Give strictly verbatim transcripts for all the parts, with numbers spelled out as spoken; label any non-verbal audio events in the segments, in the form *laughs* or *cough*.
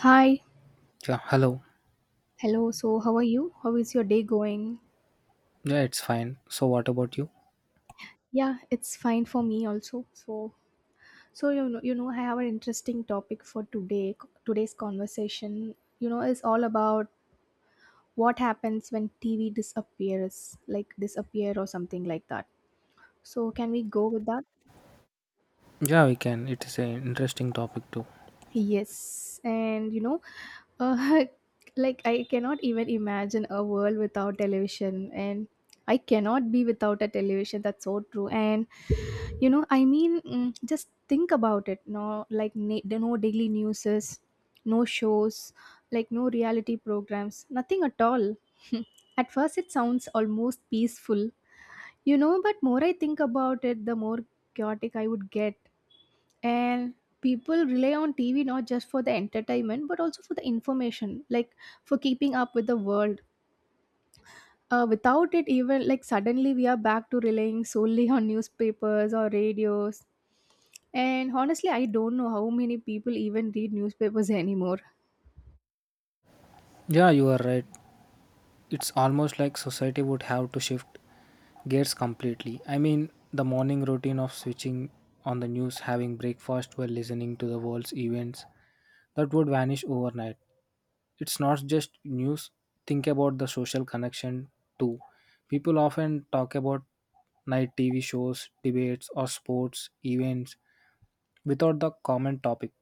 Hi. Yeah, hello. Hello. So, how are you? How is your day going? Yeah, it's fine. So, what about you? Yeah, it's fine for me also. So, so you know, you know, I have an interesting topic for today. Today's conversation, you know, is all about what happens when T V disappears, like disappear or something like that. So, can we go with that? Yeah, we can. It is an interesting topic too. Yes, and you know, uh, *laughs* like I cannot even imagine a world without television, and I cannot be without a television. That's so true. And you know, I mean, mm, just think about it. No, like na- there no daily newses, no shows, like no reality programs, nothing at all. *laughs* At first, it sounds almost peaceful, you know. But more I think about it, the more chaotic I would get and people rely on tv not just for the entertainment but also for the information, like for keeping up with the world. Uh, without it, even like suddenly we are back to relying solely *laughs* on newspapers or radios, and honestly I don't know how many people even read newspapers *laughs* anymore. Yeah, you are right. It's almost like society would have to shift gears completely. I mean, the morning routine of switching on the news, having breakfast while listening to the world's events, that would vanish overnight. It's not just news. Think about the social connection too. People often talk about night T V shows, debates, or sports events without the common topic.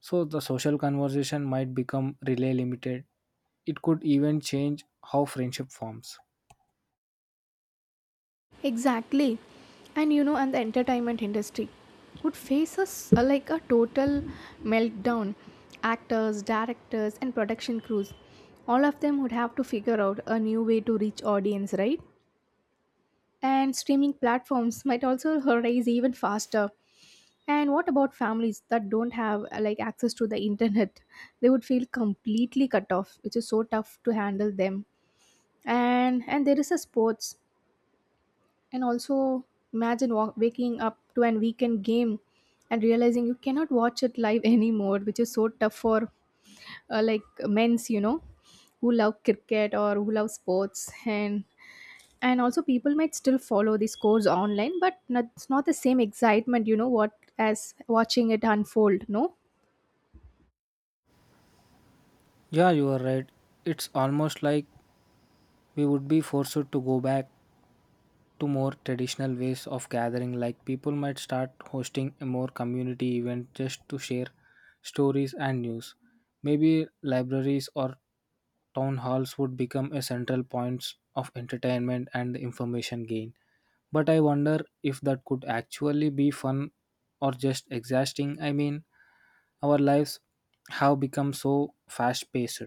So the social conversation might become relay limited. It could even change how friendship forms. Exactly. And you know, and the entertainment industry would face us uh, like a total meltdown. Actors, directors, and production crews, all of them would have to figure out a new way to reach audience, right? And streaming platforms might also rise even faster. And what about families that don't have uh, like access to the internet? They would feel completely cut off, which is so tough to handle them. And and there is a sports, and also imagine wa- waking up to an weekend game and realizing you cannot watch it live *laughs* anymore, which is so tough for uh, like men's, you know, who love cricket or who love sports. and and also people might still follow the scores online, but not, it's not the same excitement, you know what, as watching it unfold, no? Yeah, you are right. It's almost like we would be forced to go back to more traditional ways of gathering, like people might start hosting a more community event just to share stories and news. Maybe libraries or town halls would become a central points of entertainment and information gain. But I wonder if that could actually be fun or just exhausting. I mean, our lives have become so fast paced,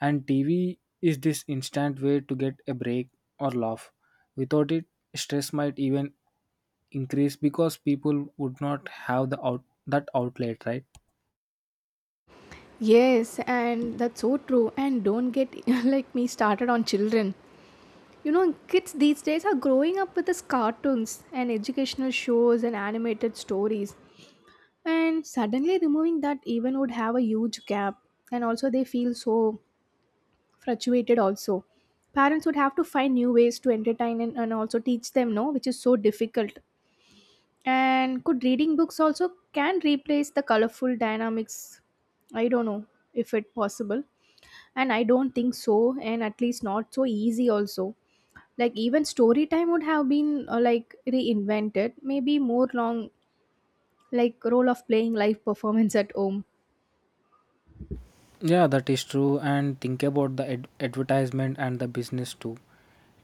and T V is this instant way to get a break or laugh. Without it, stress might even increase because people would not have the out- that outlet, right? Yes, and that's so true, and don't get *laughs* like me started on children. You know, kids these days are growing up with these cartoons and educational shows and animated stories. And suddenly removing that even would have a huge gap. And also they feel so frustrated also. Parents would have to find new ways to entertain and, and also teach them, no, which is so difficult. And could reading books also can replace the colorful dynamics? I don't know if it possible. And I don't think so, and at least not so easy also, like even story time would have been uh, like reinvented, maybe more long, like role of playing live *laughs* performance at home. Yeah, that is true. And think about the ad- advertisement and the business too.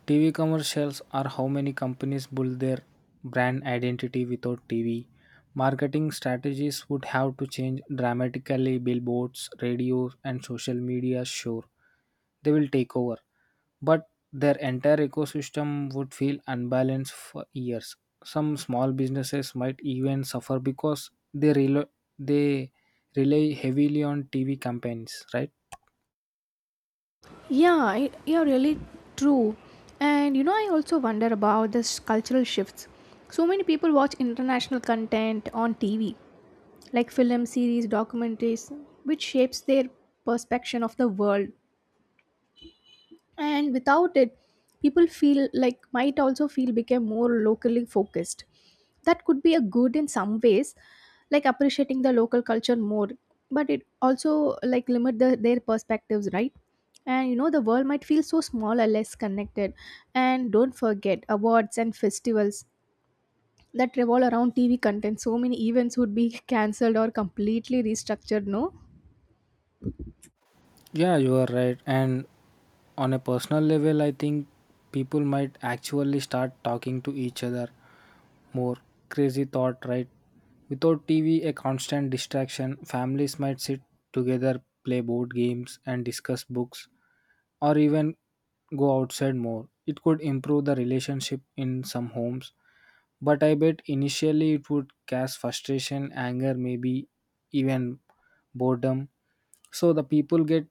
T V commercials are how many companies build their brand identity without T V. Marketing strategies would have to change dramatically. Billboards, radio, and social media, sure, they will take over but their entire ecosystem would feel unbalanced for years. Some small businesses might even suffer because they rely they rely heavily on T V campaigns, right? Yeah I, you're really true. And you know, I also wonder about this cultural shifts. So many people watch international content on tv, like film series documentaries, which shapes their perception of the world. And without it, people feel like might also feel became more locally focused. That could be a good in some ways, like appreciating the local culture more, but it also like limit the, their perspectives, right? And you know, the world might feel so small or less connected. And don't forget awards and festivals that revolve around tv content. So many events would be *laughs* cancelled or completely restructured, no? Yeah, you are right. And on a personal level, I think people might actually start talking to each other more. Crazy thought, right? Without T V, a constant distraction, families might sit together, play board games, and discuss books or even go outside more. It could improve the relationship in some homes, but I bet initially it would cause frustration, anger, maybe even boredom. So the people get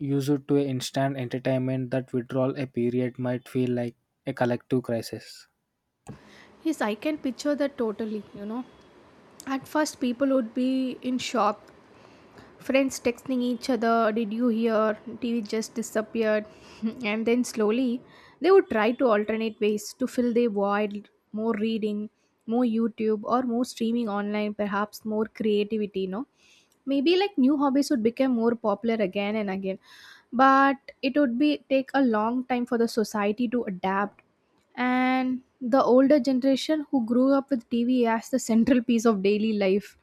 used to instant entertainment that withdrawal a period might feel like a collective crisis. Yes, I can picture that totally, you know. At first, people would be in shock. Friends texting each other, "Did you hear? T V just disappeared." *laughs* And then slowly, they would try to alternate ways to fill their void: more reading, more YouTube, or more streaming online, perhaps more creativity, you know. Maybe like new hobbies would become more popular again and again. But it would be take a long time for the society to adapt. And the older generation who grew up with T V as the central *laughs* piece of daily life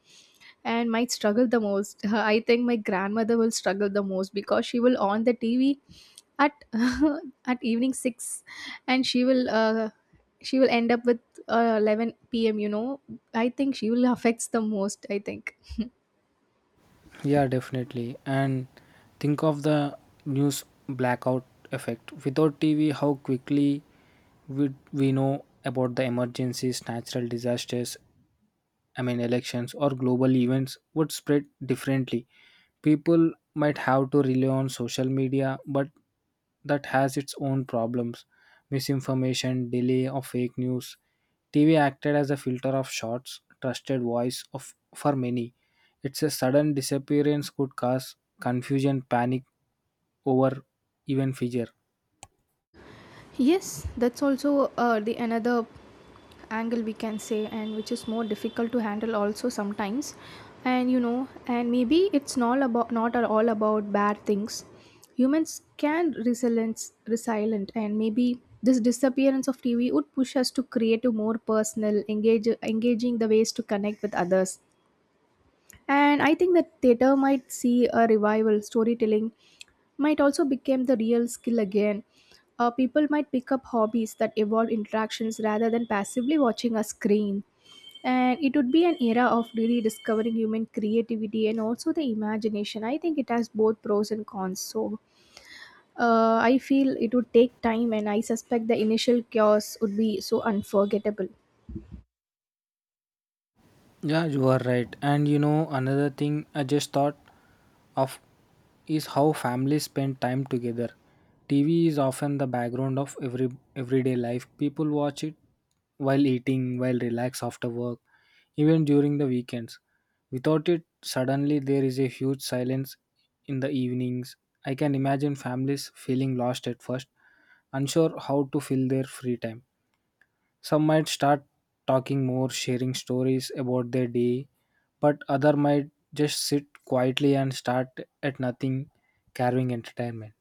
and might struggle the most. *laughs* I think my grandmother will struggle the most, because she will on the T V at *laughs* at evening six, and she will uh, she will end up with uh, eleven p m you know. I think she will *laughs* affects the most, I think. Yeah, definitely. And think of the news blackout effect. Without T V, how quickly we, we know about the emergencies, natural disasters, I mean, elections or global events would spread differently. People might have to rely on social media, but that has its own problems. Misinformation, delay of fake news. T V acted as a filter of shots, trusted voice of for many. Its a sudden disappearance could cause confusion, panic, over even fear. Yes, that's also uh, the another angle we can say, and which is more difficult to handle also sometimes. And you know, and maybe it's not about, not at all about bad things. Humans can resilience resilient, and maybe this disappearance of T V would push us to create a more personal, engage engaging the ways to connect with others. And I think that theater might see a revival. Storytelling might also become the real skill again. Uh, people might pick up hobbies that evolve interactions rather than passively watching a screen. And it would be an era of really discovering human creativity and also the imagination. I think it has both pros and cons. So uh, I feel it would take time, and I suspect the initial chaos would be so unforgettable. Yeah, you are right. And you know, another thing I just thought of is how families spend time together. T V is often the background of every everyday life. People watch it while eating, while relax after work, even during the weekends. Without it, suddenly there is a huge silence in the evenings. I can imagine families feeling lost at first, unsure how to fill their free time. Some might start talking more, sharing stories about their day, but other might just sit quietly and start at nothing, carving entertainment.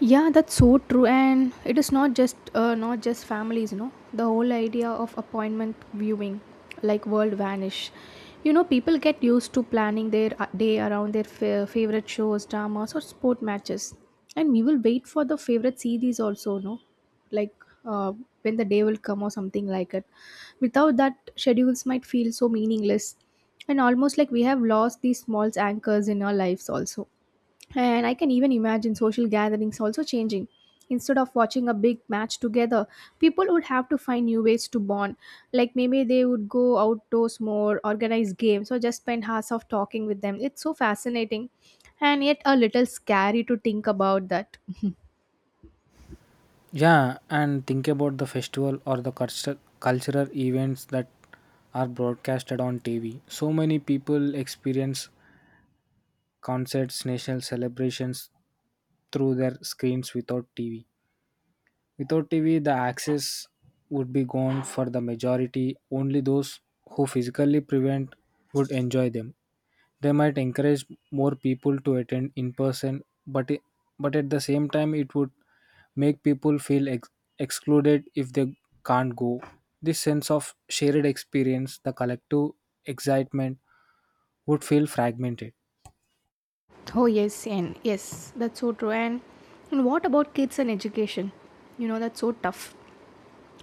Yeah, that's so true, and it is not just uh, not just families, you know. The whole idea of appointment viewing, like world vanish. You know, people get used to planning their uh, day around their fa- favorite shows, dramas, or sport matches, and we will wait for the favorite series also, no, like uh, when the day will come or something like it. Without that, schedules might feel so meaningless, and almost like we have lost these small anchors in our lives also. And I can even imagine social gatherings also changing. Instead of watching a big match together, people would have to find new ways to bond. Like maybe they would go outdoors more, organize games, or just spend hours of talking with them. It's so fascinating and yet a little scary to think about that. Yeah, and think about the festival or the cultu- cultural events that are broadcasted on T V. So many people experience concerts, national celebrations through their screens without T V. Without T V, the access would be gone for the majority. Only those who physically prevent would enjoy them. They might encourage more people to attend in person, but i- but at the same time, it would make people feel ex- excluded if they can't go. This sense of shared experience, the collective excitement, would feel fragmented. Oh yes, and yes, that's so true. And, and what about kids and education? You know, that's so tough.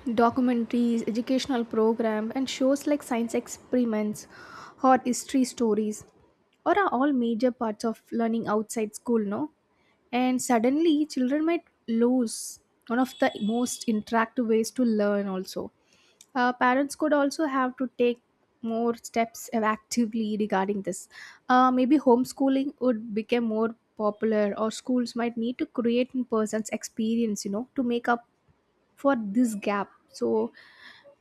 Documentaries, educational program, and shows like science experiments or history stories or are all major parts of learning outside school, no? And suddenly children might lose one of the most interactive ways to learn also. Uh, parents could also have to take more steps actively regarding this. Uh, maybe homeschooling would become more popular, or schools might need to create in person's experience, you know, to make up for this gap. So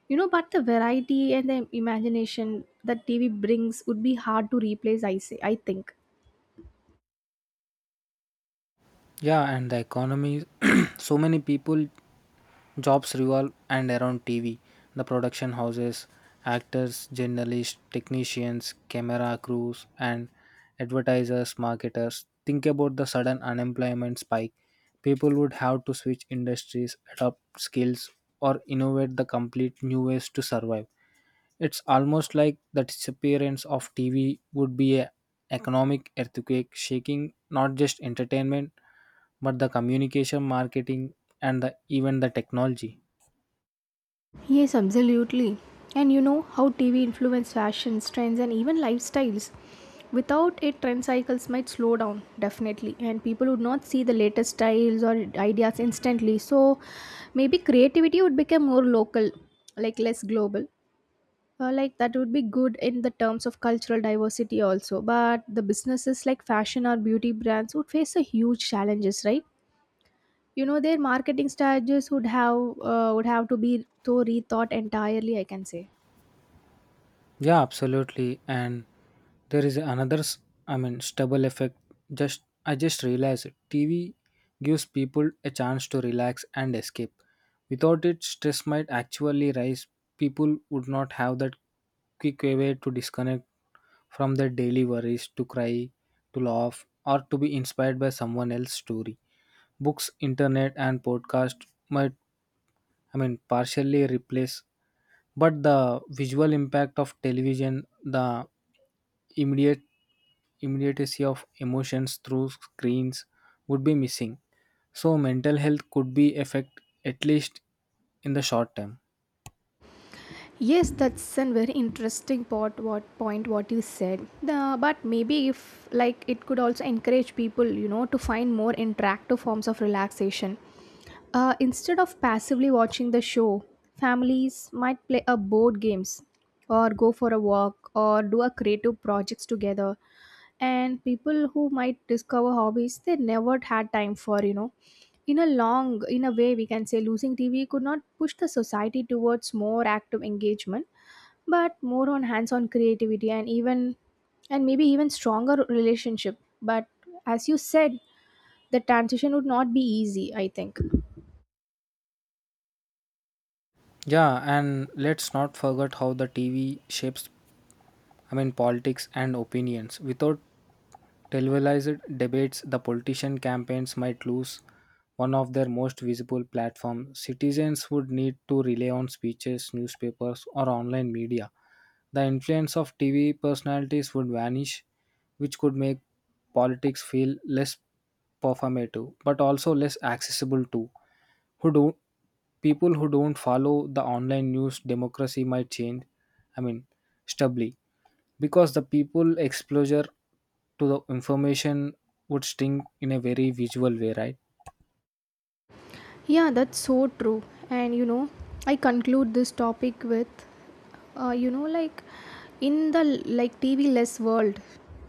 you know, but the variety and the imagination that tv brings would be hard to replace, I say, I think. Yeah, and the economy, *clears throat* so many people, jobs revolve and around T V. The production houses, actors, journalists, technicians, camera crews, and advertisers, marketers. Think about the sudden unemployment spike. People would have to switch industries, adopt skills, or innovate the complete new ways to survive. It's almost like the disappearance of T V would be a economic earthquake shaking not just entertainment but the communication, marketing, and the, even the technology. Yes, absolutely. And you know how T V influences fashion trends, and even lifestyles. Without it, trend cycles might slow down, definitely, and people would not see the latest styles or ideas instantly. So maybe creativity would become more local, like less global. Uh, like that would be good in the terms of cultural diversity also, but the businesses like fashion or beauty brands would face a huge challenges, right? You know, their marketing strategies would have uh, would have to be so rethought entirely, I can say. Yeah, absolutely. And there is another, s- I mean, stubble effect. Just I just realized it. T V gives people a chance to relax and escape. Without it, stress might actually rise. People would not have that quick way to disconnect from their daily worries, to cry, to laugh, or to be inspired by someone else's story books, internet, and podcast might I mean, partially replace, but the visual impact of television, the immediate immediacy of emotions through screens would be missing. So mental health could be affect at least in the short term. Yes, that's a very interesting part. What point? What you said. The, but maybe if like it could also encourage people, you know, to find more interactive forms of relaxation. Uh, instead of passively watching the show, families might play a board games, or go for a walk, or do a creative projects together, and people who might discover hobbies they never had time for, you know. In a long, in a way we can say, losing tv could not push the society towards more active engagement but more on hands on creativity and even, and maybe even stronger relationship. But as you said, the transition would not be easy, I think. Yeah, and let's not forget how the T V shapes I mean, politics and opinions. Without televised debates, the politician campaigns might lose one of their most visible platforms. Citizens would need to rely on speeches, newspapers, or online media. The influence of T V personalities would vanish, which could make politics feel less performative but also less accessible to who don't people who don't follow the online news democracy might change I mean stably because the people exposure to the information would sting in a very visual way, right? Yeah, that's so true. And you know, I conclude this topic with, uh, you know, like in the like T V less world,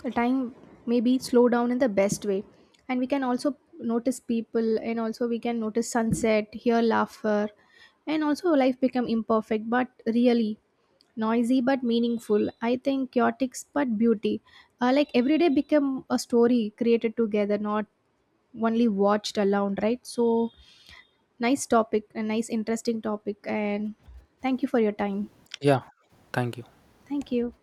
the time maybe slow down in the best way, and we can also notice people, and also we can notice sunset, hear laughter, and also life become imperfect but really noisy but meaningful. I think chaotic but beauty, uh, like every day become a story created together, not only watched alone, right? So nice topic, a nice interesting topic, and thank you for your time. Yeah, thank you. Thank you.